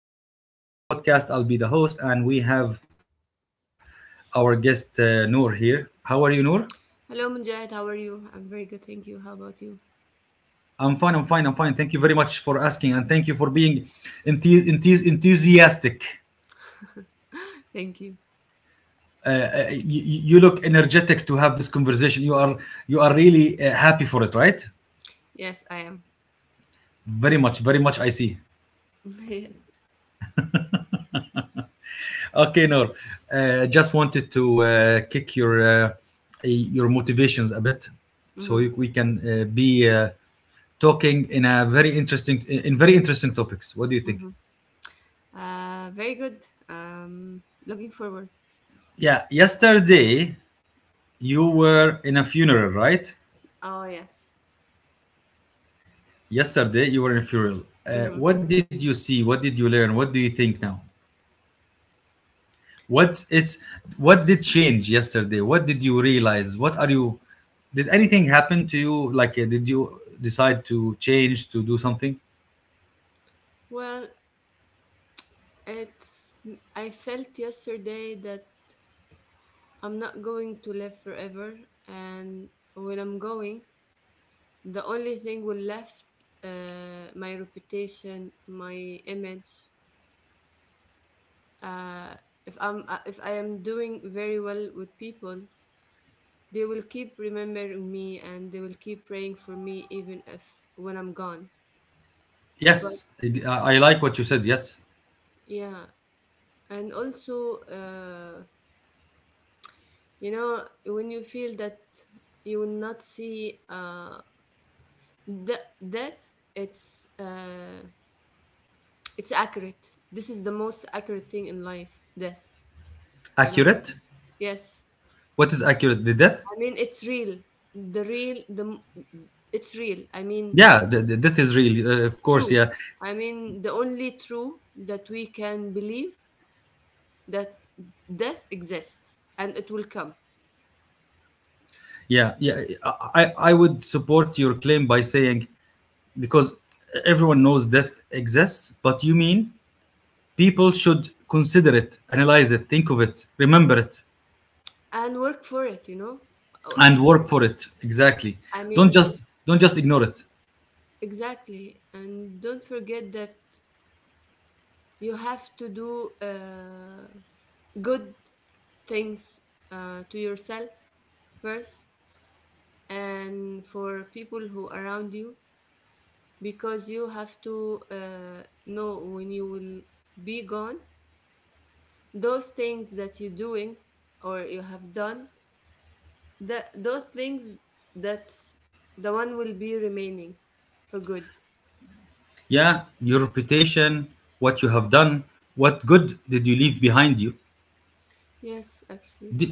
Mujahid, and for today's podcast, I'll be the host, and we have our guest Noor here. How are you, Noor? Hello, Mujahid. How are you? I'm very good, thank you. How about you? I'm fine. Thank you very much for asking, and thank you for being enthusiastic. Thank you. Uh, uh, you, you look energetic to have this conversation. You are really happy for it, right? Yes, I am. Very much, very much. I see. Yes. Okay, Noor. Just wanted to kick your motivations a bit, so Hmm. We can be. Talking in a very interesting in very interesting topics. What do you think? Hmm. Very good. Looking forward. Yeah, yesterday you were in a funeral, right? Oh, yes. Yesterday you were in a funeral. Hmm. What did you see? What did you learn? What do you think now? What it's what did change yesterday? What did you realize? What are you? Did anything happen to you? Like, did you decide to change to do something? Well, it's. I felt yesterday that I'm not going to live forever, and when I'm going, the only thing will left my reputation, my image. Uh, if I am doing very well with people, they will keep remembering me and they will keep praying for me even if when I'm gone. But Yes, I like what you said. Yes, yeah, and also, you know, when you feel that you will not see death, it's accurate. This is the most accurate thing in life, death. You know? accurate. Yes. What is accurate? The death? I mean, it's real. The real, the It's real. I mean, Yeah, the death is real. Of course, true. yeah. I mean, the only true that we can believe that death exists and it will come, Yeah, yeah, I would support your claim by saying because everyone knows death exists, but you mean people should consider it, analyze it, think of it, remember it, and work for it, you know. Oh, and work for it. Exactly. I mean, Don't just ignore it. exactly, and don't forget that you have to do good things to yourself first and for people who around you, because you have to know when you will be gone, those things that you're doing or you have done, the those things, that's the one will be remaining for good. Yeah, your reputation, what you have done, what good did you leave behind you? Yes, actually. Do,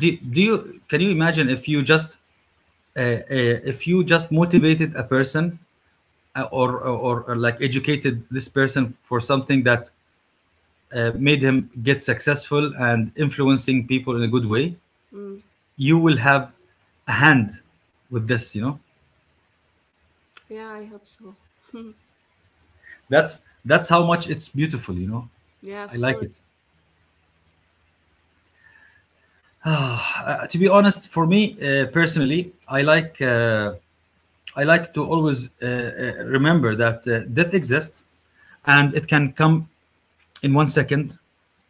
do you can you imagine if you just motivated a person or like educated this person for something that made him get successful and influencing people in a good way, Mm. you will have a hand with this. Yeah, I hope so. That's how much it's beautiful. Yeah, I of like course. it. To be honest, for me, personally, I like I like to always remember that death exists and it can come in 1 second.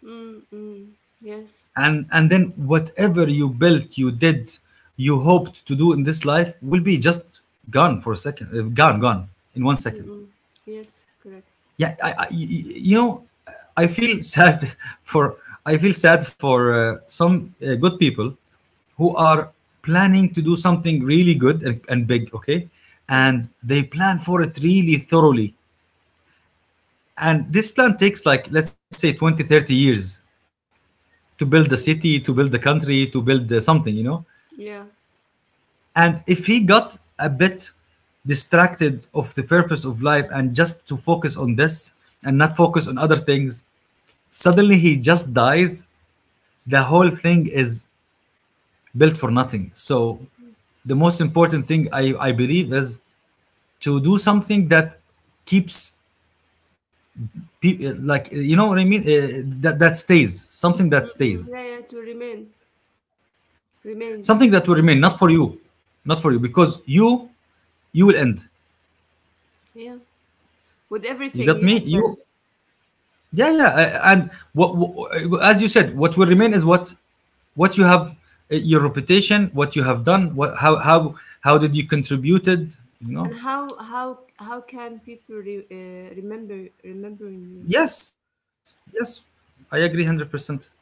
Mm, mm. Yes. And then whatever you built, you did, you hoped to do in this life will be just gone for a second, gone in 1 second. Mm-mm. Yes, correct. Yeah, you know, I feel sad for, I feel sad for some good people who are planning to do something really good and big, okay, Mm, and they plan for it really thoroughly, and this plan takes, like, let's say 20, 30 years to build a city, to mm. build a country, to build something. Yeah. And if he got a bit distracted of the purpose of life and just to focus on this and not focus on other things, suddenly he just dies. The whole thing is built for nothing. So the most important thing I believe is to do something that keeps people, like, you know what I mean that stays, something that Mm-mm. Yeah, stays, yeah, to remain, remains. something that will remain, not for you, not for you, because you will end. Yeah, with you everything got you me have done. you Yeah, yeah, what, as you said, what will remain is what you have, your reputation, what you have done, what, how did you contributed, you And know. how can people remembering you? Yes, yes, I agree 100%.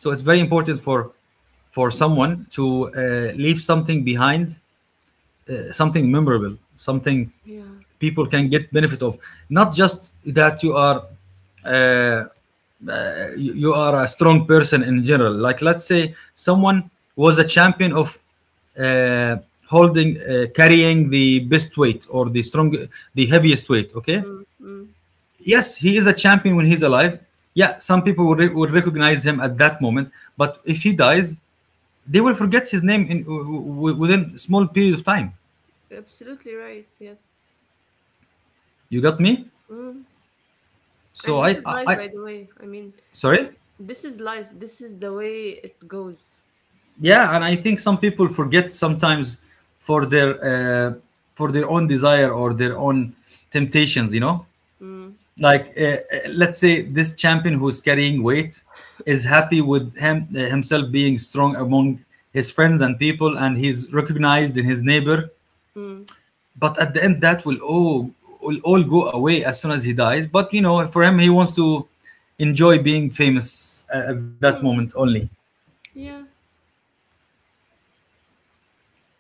So it's very important for someone to leave something behind, something memorable, something Yeah. people can get benefit of, not just that you are, Uh, you are a strong person in general. Like, let's say someone was a champion of uh, holding, carrying the best weight or the heaviest weight, okay. Mm, mm. Yes, he is a champion when he's alive. Yeah, some people would will recognize him at that moment, but if he dies, they will forget his name in within small period of time. Absolutely right, yes. You got me. Mm. So And this is life, I, by the way. I mean, sorry. this is life. This is the way it goes. Yeah, and I think some people forget sometimes for their uh, for their own desire or their own temptations. Mm, Like, let's say this champion who's carrying weight is happy with himself being strong among his friends and people, and he's recognized in his neighbor. mm, But at the end, that will all go away as soon as he dies. But, you know, for him, he wants to enjoy being famous at that mm. moment only, Yeah,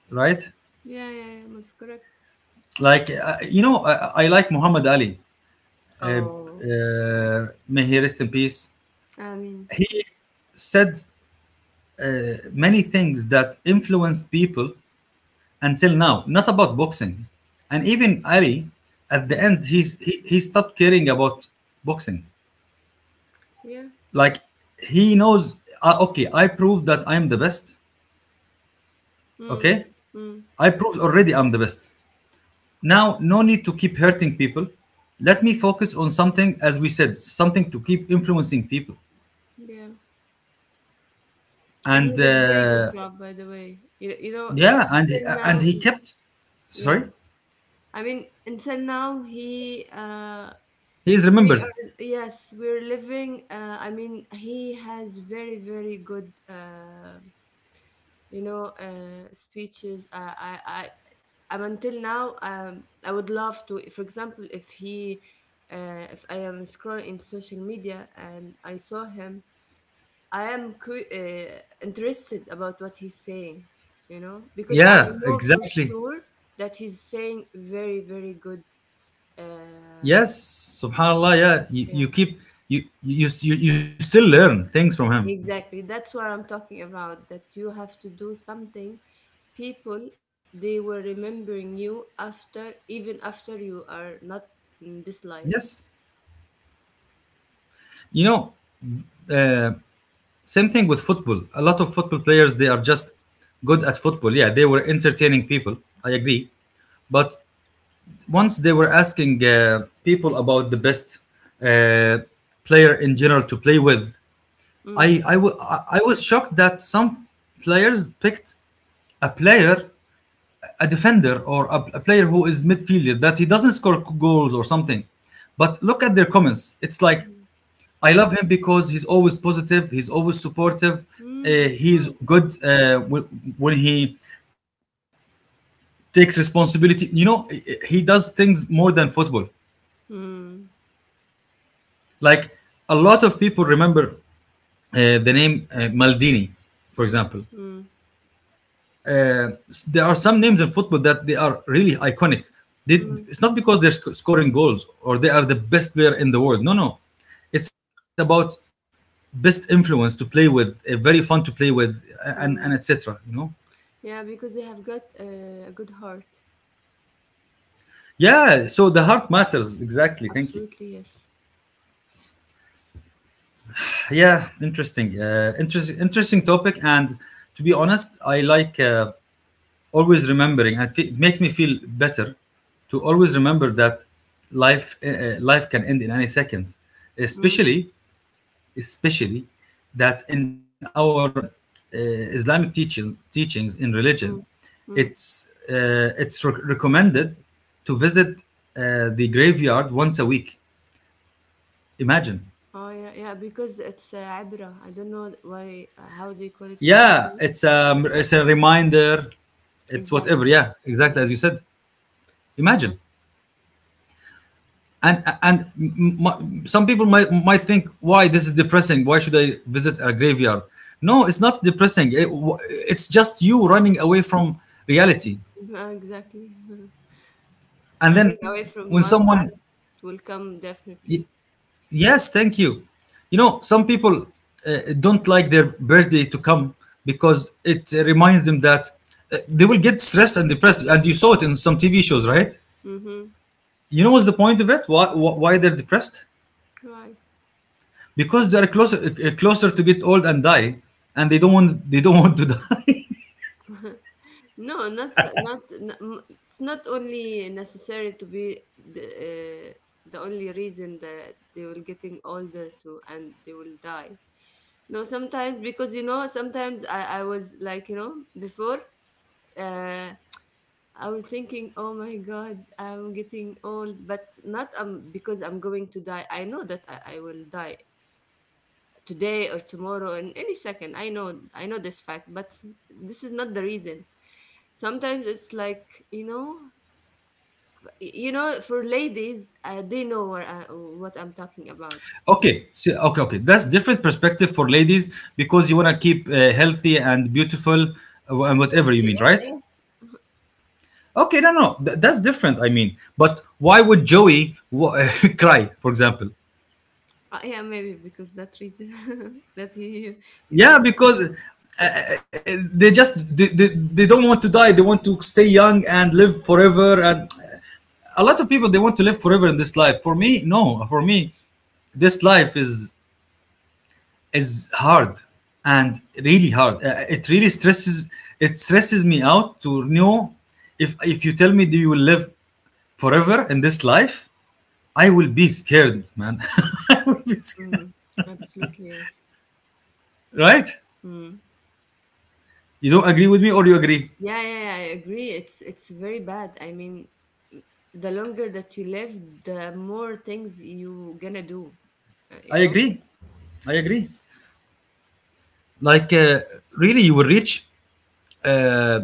right? yeah, yeah, yeah. Most correct. Like, you know, I like Muhammad Ali. Uh, Oh, may he rest in peace. I mean, so, He said uh, many things that influenced people until now. Not about boxing, and even Ali, at the end, mm, he stopped caring about boxing. yeah, Like, he knows, okay, I proved that I'm the best. mm, Okay, mm, I proved already I'm the best. Now, no need to keep hurting people. Let me focus on something, as we said, something to keep influencing people. yeah. And and he did a very good uh, job, by the way. You know, yeah and until and now, he kept, yeah. sorry, I mean, until now, he is we remembered. are, yes, we're living, I mean, he has very, very good, you know, speeches. I, I I'm until now. I would love to, for example, if he if I am scrolling in social media and I saw him, I am interested about what he's saying, you know, because I Yeah, know for exactly. sure that he's saying very, very good, uh, Yes, subhanallah. Yeah, you yeah. keep, you still learn things from him. Exactly. That's what I'm talking about. That you have to do something. People, they were remembering you after, even after you are not in this life. Yes, you know, uh, same thing with football. A lot of football players, they are just good at football. Yeah, they were entertaining people, I agree. But once they were asking people about the best uh, player in general to play with, Mm. I was shocked that some players picked a player, a defender, or a player who is midfielder, that he doesn't score goals or something. But look at their comments. It's like, Mhm. I love him because he's always positive. He's always supportive. Mm, of He's course. good when he takes responsibility. You know, he does things more than football. Mm, Like, a lot of people remember the name Maldini, for example. mm, Uh, there are some names in football that they are really iconic. They, mm, it's not because they're scoring goals or they are the best player in the world. No, no, it's about best influence to play with, very fun to play with, and etc. mm. You know. Yeah, because they have got a good heart. Yeah. So the heart matters, exactly. Thank you. Absolutely, yes. Yeah, interesting. Interesting topic. And to be honest, I like. Always remembering, and it makes me feel better to always remember that life, life can end in any second, Mm, especially especially that in our uh, islamic teachings in religion, mm, mm. it's recommended to visit the graveyard once a week. Imagine. Oh, yeah, yeah, because it's عبرة. I don't know why, how they call it in Yeah, English. it's a, it's a reminder. It's whatever. Exactly. Yeah, exactly as Mm, you said. yeah, Imagine. and and m- some people might think, why this is depressing, why should I visit a graveyard? No, it's not depressing. It's just you running away from reality. exactly. And Running then when away from someone, one fact will come y- definitely. yes, thank you. You know, some people uh, don't like their birthday to come, because it reminds them that they will get stressed and depressed, and you saw it in some TV shows, right? Mm-hmm. You know, what's the point of it? Why why they're depressed? Right. Because they are closer, closer to get old and die, and they don't want to die. No, not s- not. N- m- It's not only necessary to be the only reason that they will getting older too, and they will die. No, sometimes, because you know, sometimes I was like, you know, before. Uh, I was thinking, oh my God, I'm getting old, but not because I'm going to die. I know that I will die today or tomorrow, in any second. I know this fact, but this is not the reason. Sometimes it's like, you know, for ladies, they know what, what I'm talking about. Okay, so, okay, that's different perspective. For ladies, because you want to keep healthy and beautiful, and whatever you Absolutely. mean, Yeah. right? Yes. Okay, no, no, that's different. I mean, but why would Joey cry, for example? Yeah, maybe because that reason, that he is Yeah, getting. because they just they, they, they don't want to die. They want to stay young and live forever, and a lot of people, they want to live forever in this life. For me, no. For me, this life is hard, and really hard. It really stresses, it stresses me out to know, if you tell me that you will live forever in this life, I will be scared, man. I will be scared. Mhm. Absolutely, yes. Right? Mm. You don't agree with me or you agree? Yeah, yeah, yeah, I agree. It's very bad, I mean. The longer that you live, the more things you gonna do, I you know. agree. I agree. Like, really, you will reach, uh,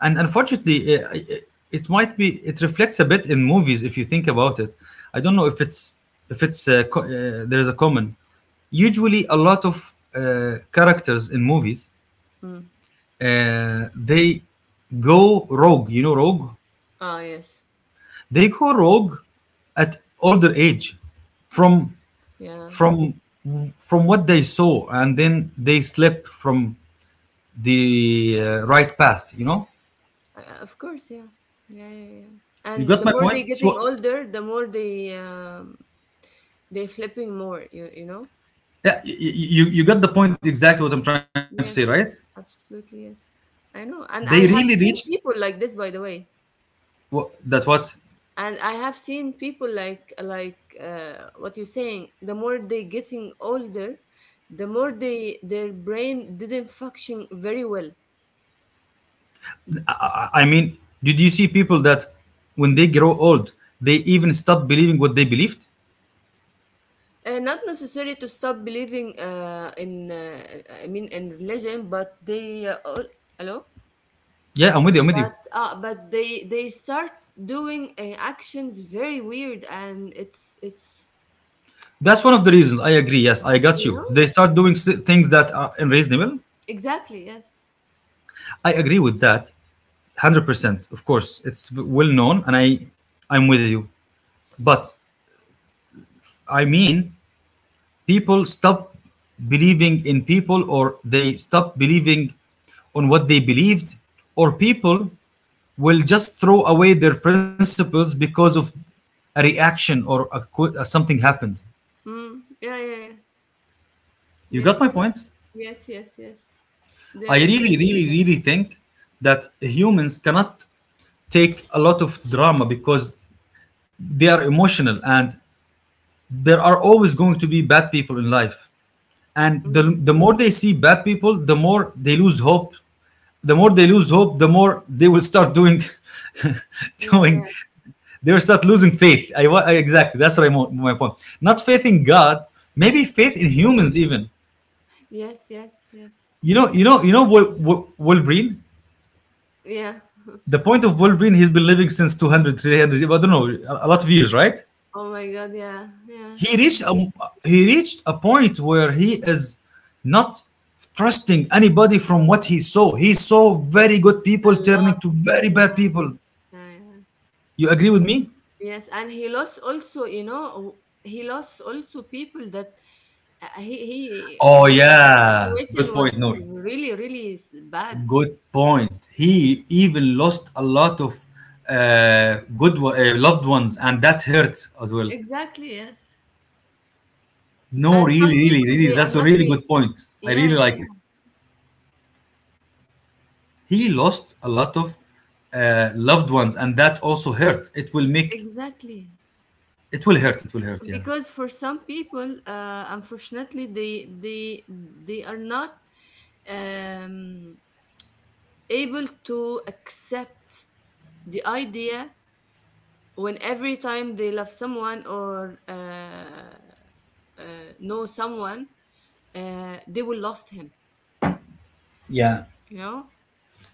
and unfortunately, it might be, it reflects a bit in movies if you think about it. I don't Mm. know if it's, there is a common, usually a lot of characters in movies, Mm. They go rogue, you know, rogue. Ah, yes. They go rogue at older age, from Yeah, from from what they saw, and then they slip from the right path, you know. Of course, yeah. Yeah, yeah, yeah. You And got the my more point. they're getting So, older, the more they, they flipping more, you know? yeah, you, you got the point, exactly what I'm trying to say, right? Yes, yes, absolutely, yes. I know. They And I really have reached seen people like this, by the way. That what, And I have seen people like what you're saying: the more they're getting older, the more they their brain didn't function very well. I, I mean. Did you see people that when they grow old, they even stop believing what they believed? Not necessary to stop believing in I mean, in religion, but they all, hello. Yeah, I'm with you. I'm with you. But they start doing actions very weird, and it's That's one of the reasons. I agree. Yes, I got you you. know. They start doing things that are unreasonable. Exactly, yes. I agree with that, 100%. Of course, it's well known, and I'm with you. But I mean, people stop believing in people, or they stop believing on what they believed, or people will just throw away their principles because of a reaction or a, something happened. Mm. Yeah, yeah, yeah, you yeah. got my point. Yes, yes, yes. There I exist. really, really, really think that humans cannot take a lot of drama because they are emotional, and there are always going to be bad people in life. And Mm. the more they see bad people, the more they lose hope. The more they lose hope, the more they will start doing, Yeah, yeah. doing, they will start losing faith. I exactly, that's what I my point. Not faith in God, maybe faith in humans even. Yes, yes, yes. You know, Wolverine. Yeah. The point of Wolverine, he's been living since 200, 300. I don't know, a lot of years, right? Oh my God. Yeah, yeah. He reached a, he reached a point where he is not trusting anybody from what he saw. He saw very good A people lot. turning to very bad Yeah, people. yeah, yeah. You agree with me? Yes, and he lost also. You know, he lost also people that he Oh he. yeah, good Situation was point, Noor. really bad. Good point. He even lost a lot of good loved ones, and that hurts as well. Exactly, yes. No, And some really, really, people really, they are that's a not really re-, good point. I yeah, really yeah, like yeah, it. He lost a lot of loved ones, and that also hurt. Exactly. It will Be- hurt. It will hurt. Yeah. because for some people, unfortunately, they are not um, able to accept the idea. When every time they love someone or know someone, they will lost him. Yeah. You know?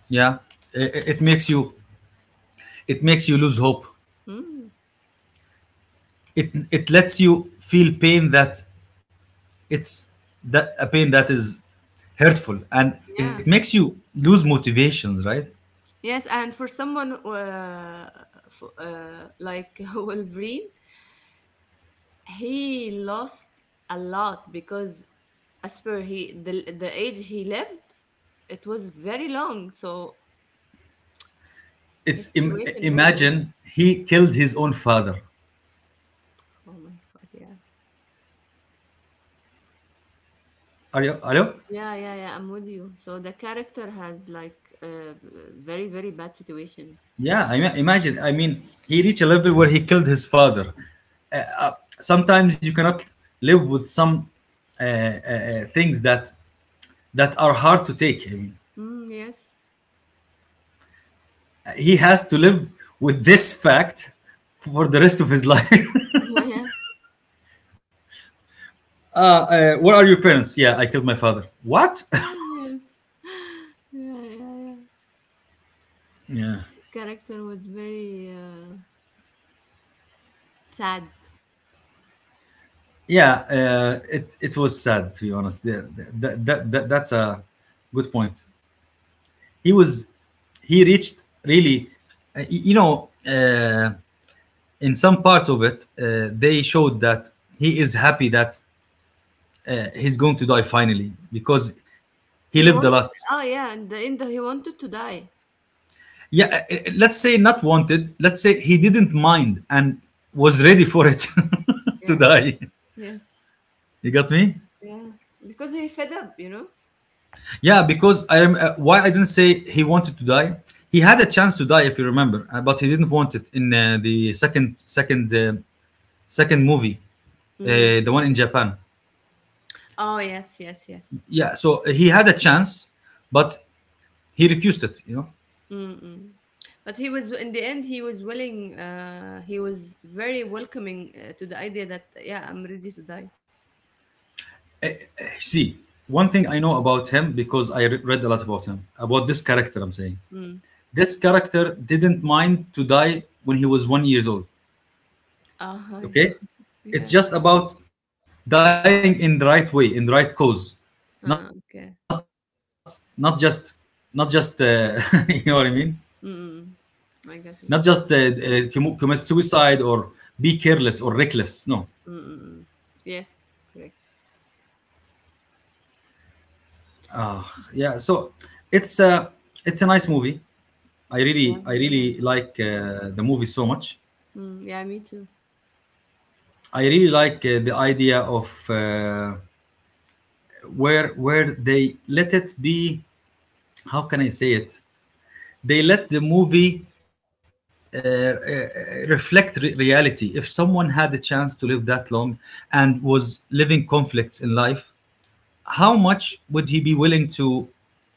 Yeah. It makes you, it makes you lose hope. Mm, It lets you feel pain that it's that a pain that is hurtful, and it yeah. makes you lose motivations, right? Yes, and for someone like Wolverine, he lost a lot, because as per he the age he lived, it was very long. So his situation very Imagine, he killed his own father. oh my god, yeah. Are you? Are you? Yeah, yeah, yeah, I'm with you. So the character has like a very, very bad situation. Yeah, I mean, imagine. I mean, he reached a level where he killed his father. Sometimes you cannot live with some things that are hard to take. I mean, Mm, yes. he has to live with this fact for the rest of his life. Yeah. uh, uh, what are your parents? Yeah, I killed my father. What? Yeah. Yes. Yeah, yeah, yeah. Yeah. His character was very sad. Yeah, it it was sad to be honest. That, that, that, that's a good point. He was, he reached really, uh, y- you know, uh, in some parts of it, they showed that he is happy that he's going to die finally because he He lived a wanted, lot. oh yeah, and in the end he wanted to die. Yeah, let's say not wanted. Let's say he didn't mind and was ready for it to Yeah, die. yes, You got me? yeah, because he fed up, you know. Yeah, because I why I didn't say he wanted to die. He had a chance to die, if you remember, but he didn't want it in the second movie, Mm. uh, the one in Japan. Oh yes, yes, yes. Yeah, so he had a chance, but he refused it. You know, Mm-mm. But he was in the end. He was willing. He was very welcoming to the idea that yeah, I'm ready to die. see, one thing I know about him, because I read a lot about him, about this character. I'm saying Mm. this character didn't mind to die when he was 1 years old. Uh-huh. Okay, Yeah. it's just about dying in the right way, in the right cause, not Okay. not just, not just you know what I mean, Mm-mm. not just I got it. Commit suicide or be careless or reckless. No. Mm-mm. Yes, correct. Yeah, so it's a it's a nice movie. Yeah, I very really nice. like the movie so much. Mm, yeah, me too. I really like the idea of where they let it be. How can I say it? They let the movie reflect reality. If someone had the chance to live that long and was living conflicts in life, how much would he be willing to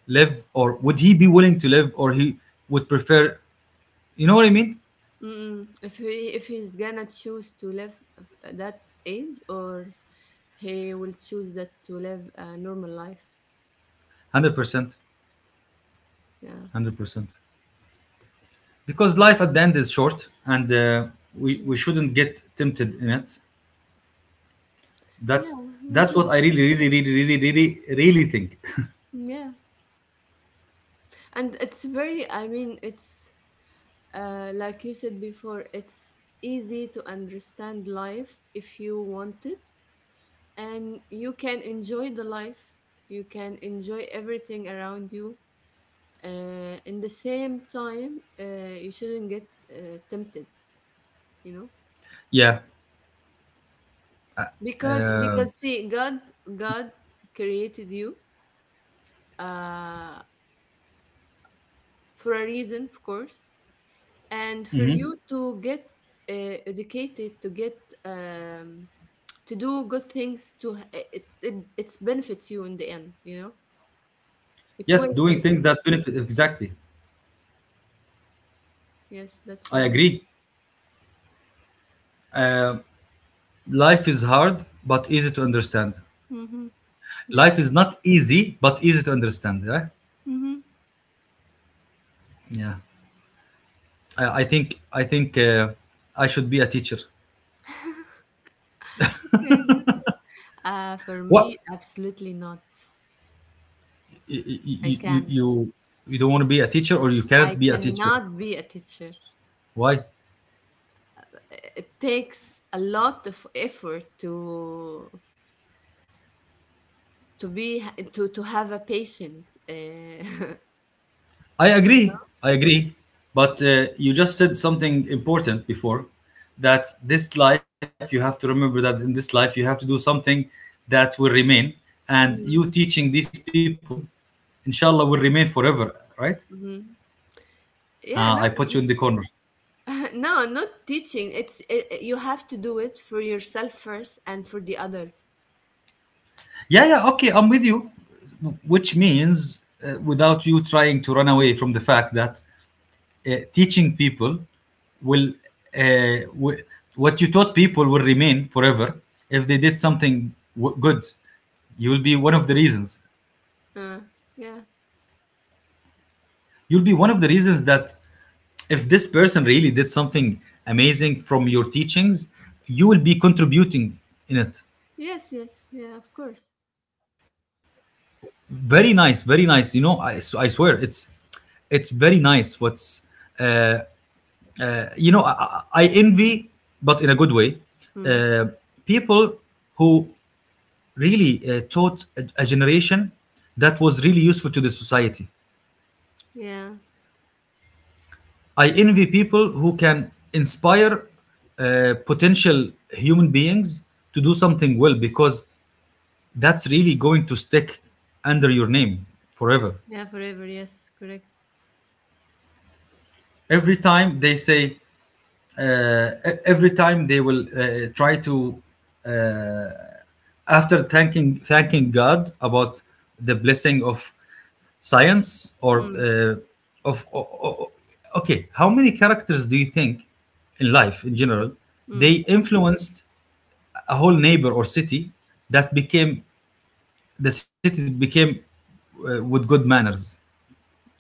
live, or would he be willing to live, or he would prefer? You know what I mean? Mm, if he if he's gonna choose to live that age, or he will choose that to live a normal life. 100%, Yeah. 100%. Because life at the end is short, and we Yeah. we shouldn't get tempted in it. Yeah, That's we that's what should. I really, really, really, really, really, really think. Yeah. And it's very, I mean, it's like you said before, it's easy to understand life if you want it, and you can enjoy the life. You can enjoy everything around you. In the same time, you shouldn't get tempted, you know? Yeah. Because Uh, see, god, god created you uh for a reason, of course, and for mhm. you to get educated, to get um to do good things, it, it it benefits you in the end, you know. It Yes, will doing benefit. things that benefit. Exactly. Yes, that's I why I'm here. agree. Uh, life is hard, but easy to understand. Mm-hmm. Life Yes. is not easy, but easy to understand. Right? Mm-hmm. Yeah. I think I should be a teacher. Okay, good. Uh, for What? me, absolutely not. you you, I you can't. you you don't want to be a teacher, or you I cannot be a teacher? cannot be a teacher. Why? It takes a lot of effort to be to have a patient. I agree. I agree. But you just said something important before, that this life, you have to remember, that in this life, you have to do something that will remain. And you Mhm, teaching these people, inshallah, will remain forever, right? mhm. I Yeah, no. put you in the corner. No, not teaching, it's it, you have to do it for yourself first and for the others. Yeah, yeah, okay, I'm with you. Which means, without you trying to run away from the fact that, teaching people will, uh, w- what you taught people will remain forever. If they did something good, you will be one of the reasons. Uh, yeah. You'll be one of the reasons, that if this person really did something amazing from your teachings, you will be contributing in it. Yes, yes, yeah, of course. Very nice, very nice. You know, I swear, it's very nice. What's, you know, I I envy, but in a good way, Mm. uh, people who really taught a generation that was really useful to the society. Yeah. I envy people who can inspire potential human beings to do something well, because that's really going to stick under your name forever. Yeah, forever, yes, correct. Every time they say, every time they will try to, after thanking God about the blessing of science or Mm. uh, of o- o- okay, how many characters do you think in life in general they Mm. influenced a whole neighbor or city, that became, the city became with good manners.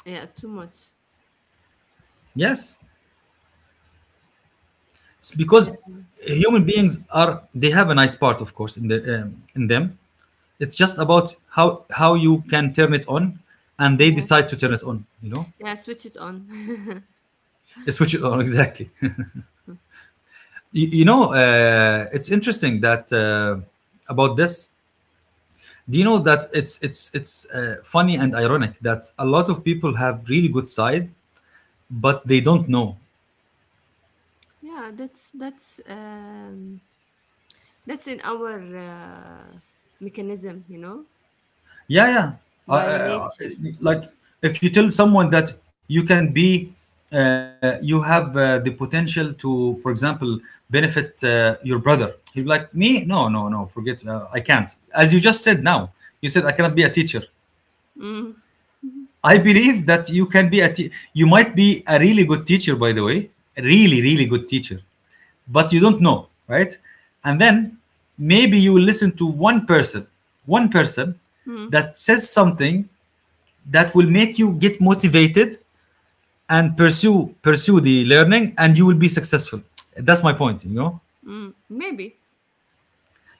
Yeah, too much. Yes, it's Yeah, because human beings are, they have a nice part of course in the in them. It's just about how how you can turn it on, and they yeah, decide to turn it on, you know. yeah, switch it on. It's switch it on exactly. You know, it's interesting that about this. Do you know that it's it's funny and ironic that a lot of people have really good side, but they don't know. Yeah, that's in our uh, mechanism, you know, Yeah, yeah. Uh, by uh, nature. like, if you tell someone that you can be, you have the potential to, for example, benefit your brother, he'll be like, me? No, no, no. Forget. I can't. As you just said now, you said I cannot be a teacher. Mm, I believe that you can be a you might be a really good teacher, by the way, a really, really good teacher, but you don't know, right? And then maybe you will listen to one person mm, that says something that will make you get motivated and pursue the learning, and you will be successful. That's my point, you know. mm. Maybe.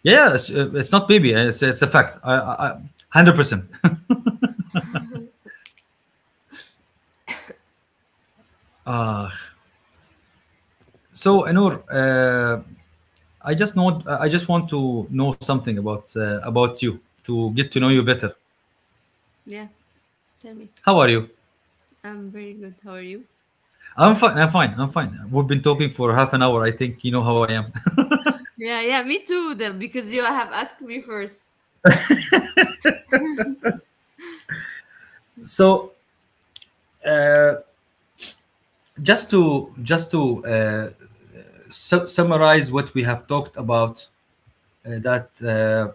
Yeah, yeah, it's not baby. It's a fact. 100%. So, Anur, I just want to know something about you, to get to know Mhm. you better. Yeah. Tell me. How are you? I'm very good. How are you? I'm fine. I'm fine. I'm fine. We've been talking for half an hour. I think you know how I am. Yeah, yeah, me too. The, because you have asked me first. So, uh, just to summarize what we have talked about, that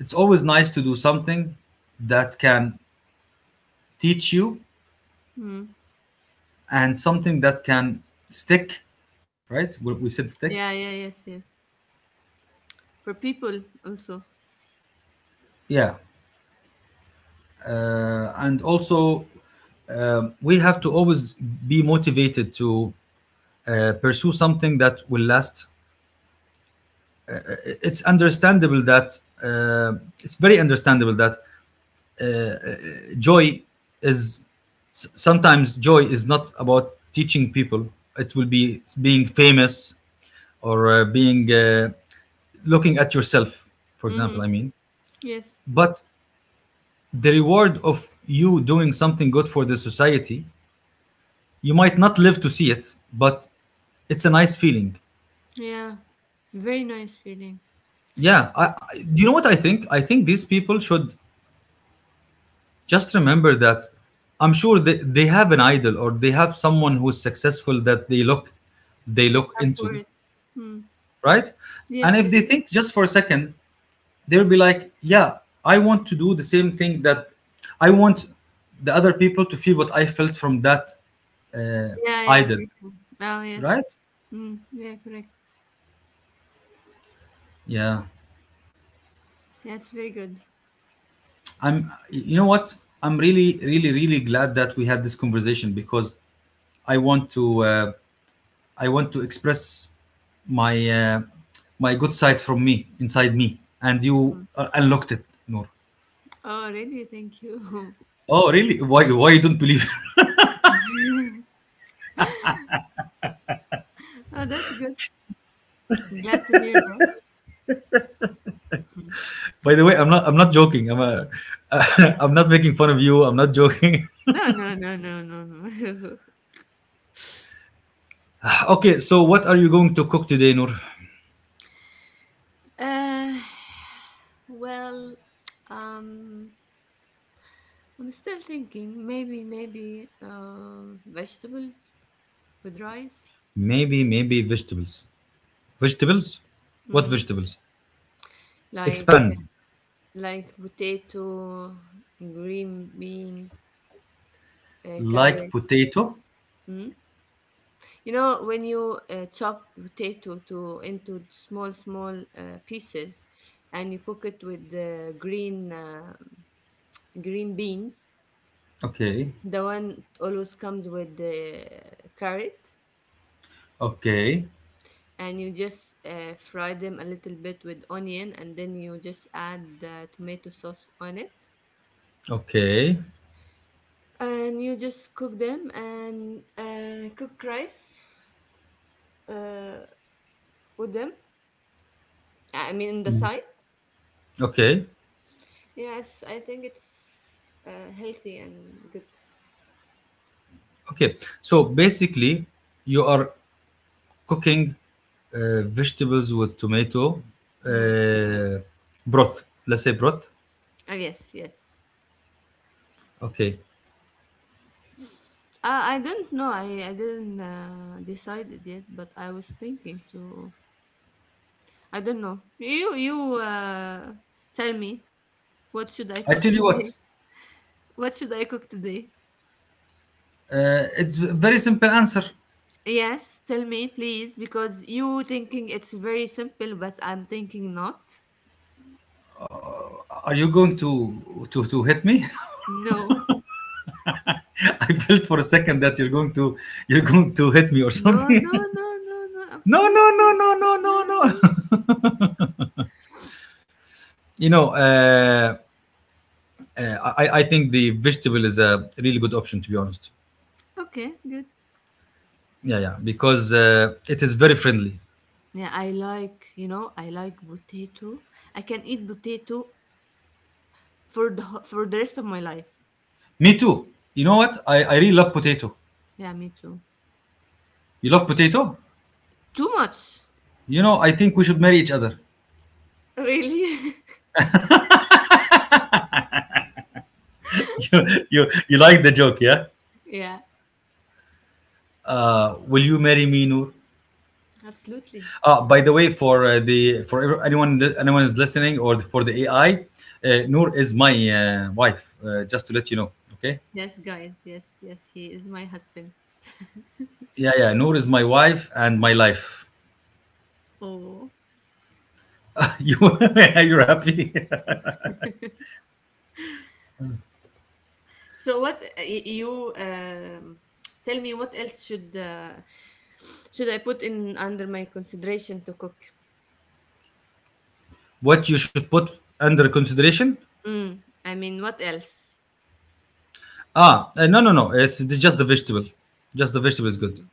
it's always nice to do something that can teach you, Mm. and something that can stick, right? We said stick. Yeah, yeah, yes, yes. For people also. Yeah. And also, we have to always be motivated to pursue something that will last. It's understandable that, uh, it's very understandable that, joy is sometimes joy is not about teaching people. It will be being famous, or being looking at yourself, for Mm-hmm. example. I mean, Yes. but the reward of you doing something good for the society, you might not live to see it, but it's a nice feeling. Yeah. Very nice feeling. Yeah, do you know what I think? I think these people should just remember that, I'm sure they have an idol, or they have someone who's successful that they look, they look Up for into, it. Mm. right? And Yes, if they yes. think just for a second, they'll be like, yeah, I want to do the same thing, that I want the other people to feel what I felt from that uh, Yeah, yeah, idol, person. Oh, yes. right? Mm. Yeah, correct. Yeah. That's very good. I'm You know what? I'm really, really, really glad that we had this conversation, because I want to, express my my good side from me, inside me, and you Mm. Unlocked it, Noor. Oh, really? Thank you. Oh, really? Why? Why you don't believe? Oh, that's good. Glad to hear that. By the way, I'm not. I'm not joking. I'm. I'm not making fun of you. I'm not joking. No, no, no, no, no, no. Okay, so what are you going to cook today, Noor? Uh, well, um, I'm still thinking, maybe, maybe vegetables with rice, Maybe, maybe vegetables. Vegetables? What mm. vegetables? Like Expand. Potato, green beans, Like carrot. potato. Mm. You know, when you chop potato to into small pieces, and you cook it with the green green beans, Okay. the one always comes with the carrot. Okay. And you just fry them a little bit with onion, and then you just add the tomato sauce on it, Okay. and you just cook them, and cook rice uh, with them. I mean, in the side. Okay. Yes, I think it's healthy and good. Okay. So basically, you are cooking vegetables with tomato Mm-hmm. uh, broth. Let's say broth. Uh, yes, yes. Okay. I don't know, I didn't decided yet, but I was thinking to, I don't know, you tell me, what should I I cook tell you what. today? What should I cook today? It's a very simple answer. Yes, tell me, please, because you thinking it's very simple, but I'm thinking not. Are you going to hit me? No. I felt for a second that you're going to hit me or No, something. no, no, no, no, No, no, no, absolutely. no, no, No, no, no. no. you know, uh, I think the vegetable is a really good option, to be honest. Okay, good. Yeah, yeah, because it is very friendly. Yeah, I like, you know, I like potato. I can eat potato for the rest of my life. Me too. You know what? I really love potato. Yeah, me too. You love potato? Too much. I think we should marry each other. Really? You like the joke, yeah? Yeah, Will you marry me, Noor? absolutely. By the way, for the for anyone is listening, or for the AI, Noor is my wife. Just to let you know, okay? Yes, guys. Yes, yes, he is my husband. Yeah, yeah. Noor is my wife and my life. Oh. you, you're happy. So what you, tell me what else should I put in under my consideration to cook? What you should put under consideration? Mm, I mean, what else? No, no, no. It's just the vegetable. Just the vegetable is good. Mm,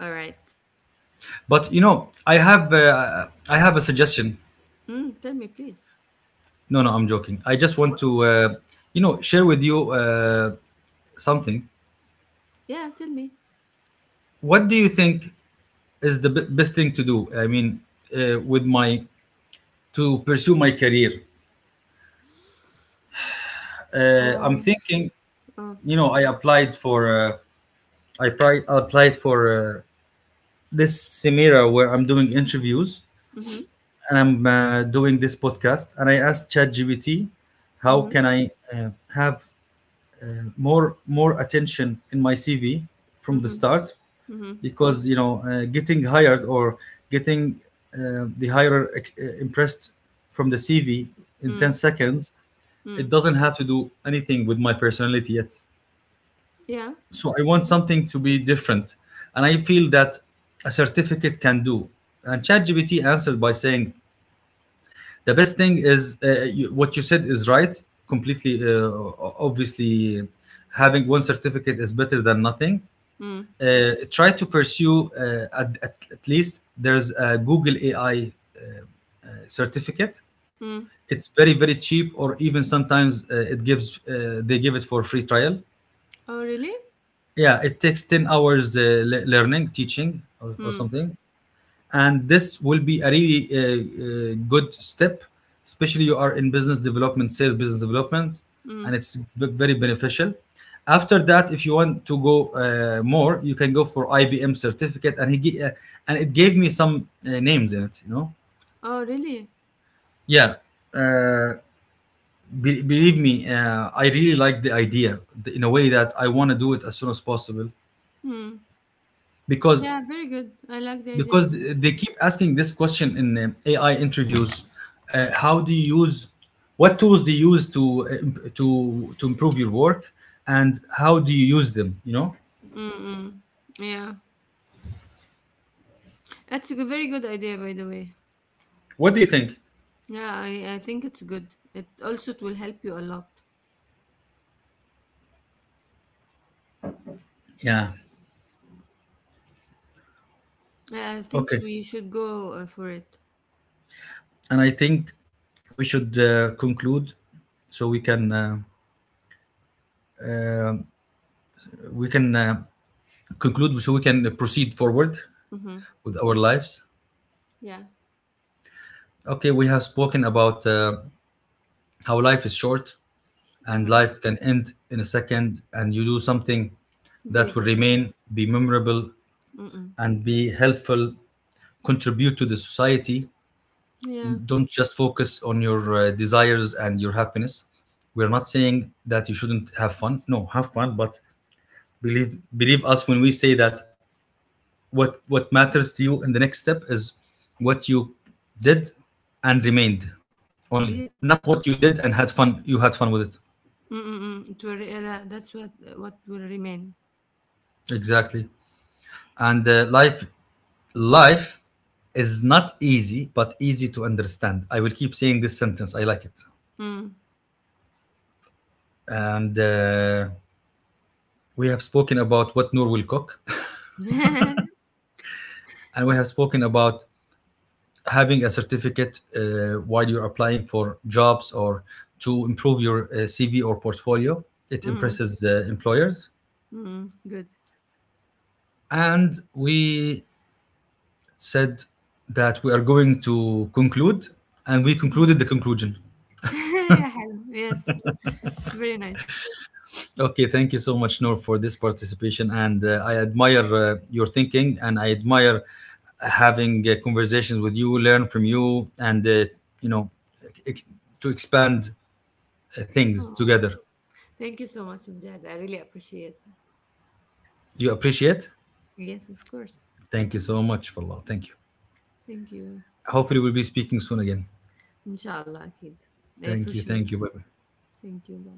all right. But I have a suggestion. Mm, tell me, please. No, no, I'm joking. I just want What? to share with you something. Yeah, tell me. What do you think is the best thing to do? I mean, with my to pursue my career, I'm Uh, thinking. oh. You know, I applied for uh, I applied for this Semira, where I'm doing interviews Mm-hmm. and I'm doing this podcast. And I asked ChatGPT, how Mm-hmm. can I have more attention in my CV from the Mm-hmm. start? Mm-hmm. Because getting hired, or getting the impressed from the CV in Mm. 10 seconds, Mm. it doesn't have to do anything with my personality yet. Yeah. So I want Okay. something to be different, and I feel that a certificate can do. And ChatGPT answered by saying, the best thing is, you, what you said is right completely, o- obviously, having one certificate is better than nothing. Mm. Try to pursue, least there's a Google AI certificate. Mm. It's very, very cheap, or even sometimes it gives they give it for free trial. Oh, really? Yeah, it takes 10 hours, learning, teaching, or Mm. something. And this will be a really, good step, especially you are in business development, sales business development. Mm. And it's very beneficial. After that, if you want to go more, you can go for IBM certificate. And and it gave me some names in it, you know? Oh, really? Yeah. uh, Believe me, I really like the idea, in a way that I want to do it as soon as possible, Mm. because Yeah, very good. I like the idea as well. They keep asking this question in AI interviews. How do you use What tools do you use to improve your work, and how do you use them? Mm-mm. Yeah. That's a very good idea, by the way. What do you think? Yeah, I think it's good. It also it will help you a lot. Yeah. Yeah, I think Okay. we should go for it. And I think we should conclude, so um, we can conclude, so we can proceed forward Mm-hmm. with our lives. Yeah. Okay, we have spoken about how life is short, and Mm-hmm. life can end in a second, and you do something Very that will good. remain, be memorable, Mm-mm. and be helpful, contribute to the society. Yeah. Don't just focus on your desires and your happiness. We're not saying that you shouldn't have fun, no, have fun, but believe us when we say that what matters to you in the next step is what you did and remained, only, Yes. not what you did and had fun, you had fun with it. Mm-mm. It will that's what will remain. Exactly. And life is not easy, but easy to understand. I will keep saying this sentence. I like it. Mm. And we have spoken about what Noor will cook, and we have spoken about having a certificate, while you're applying for jobs, or to improve your CV or portfolio. It Mm. impresses employers. Mm. Good. And we said that we are going to conclude, and we Mhm. concluded the conclusion. Yeah, حلو. Yes. Very nice. Okay, thank you so much, Noor, for this participation. And I admire your thinking, and I admire having conversations with you, learn from you, and, you know, ex- to expand things Oh. together. Thank you so much, Mujahid. I really appreciate it. You appreciate? Yes, of course. Thank you so much, for Allah. Thank you. Thank you. Hopefully, we'll be speaking soon again. Inshallah, kid. Eh, for Thank you. sure. Thank you. Bye bye. Thank you. Bye.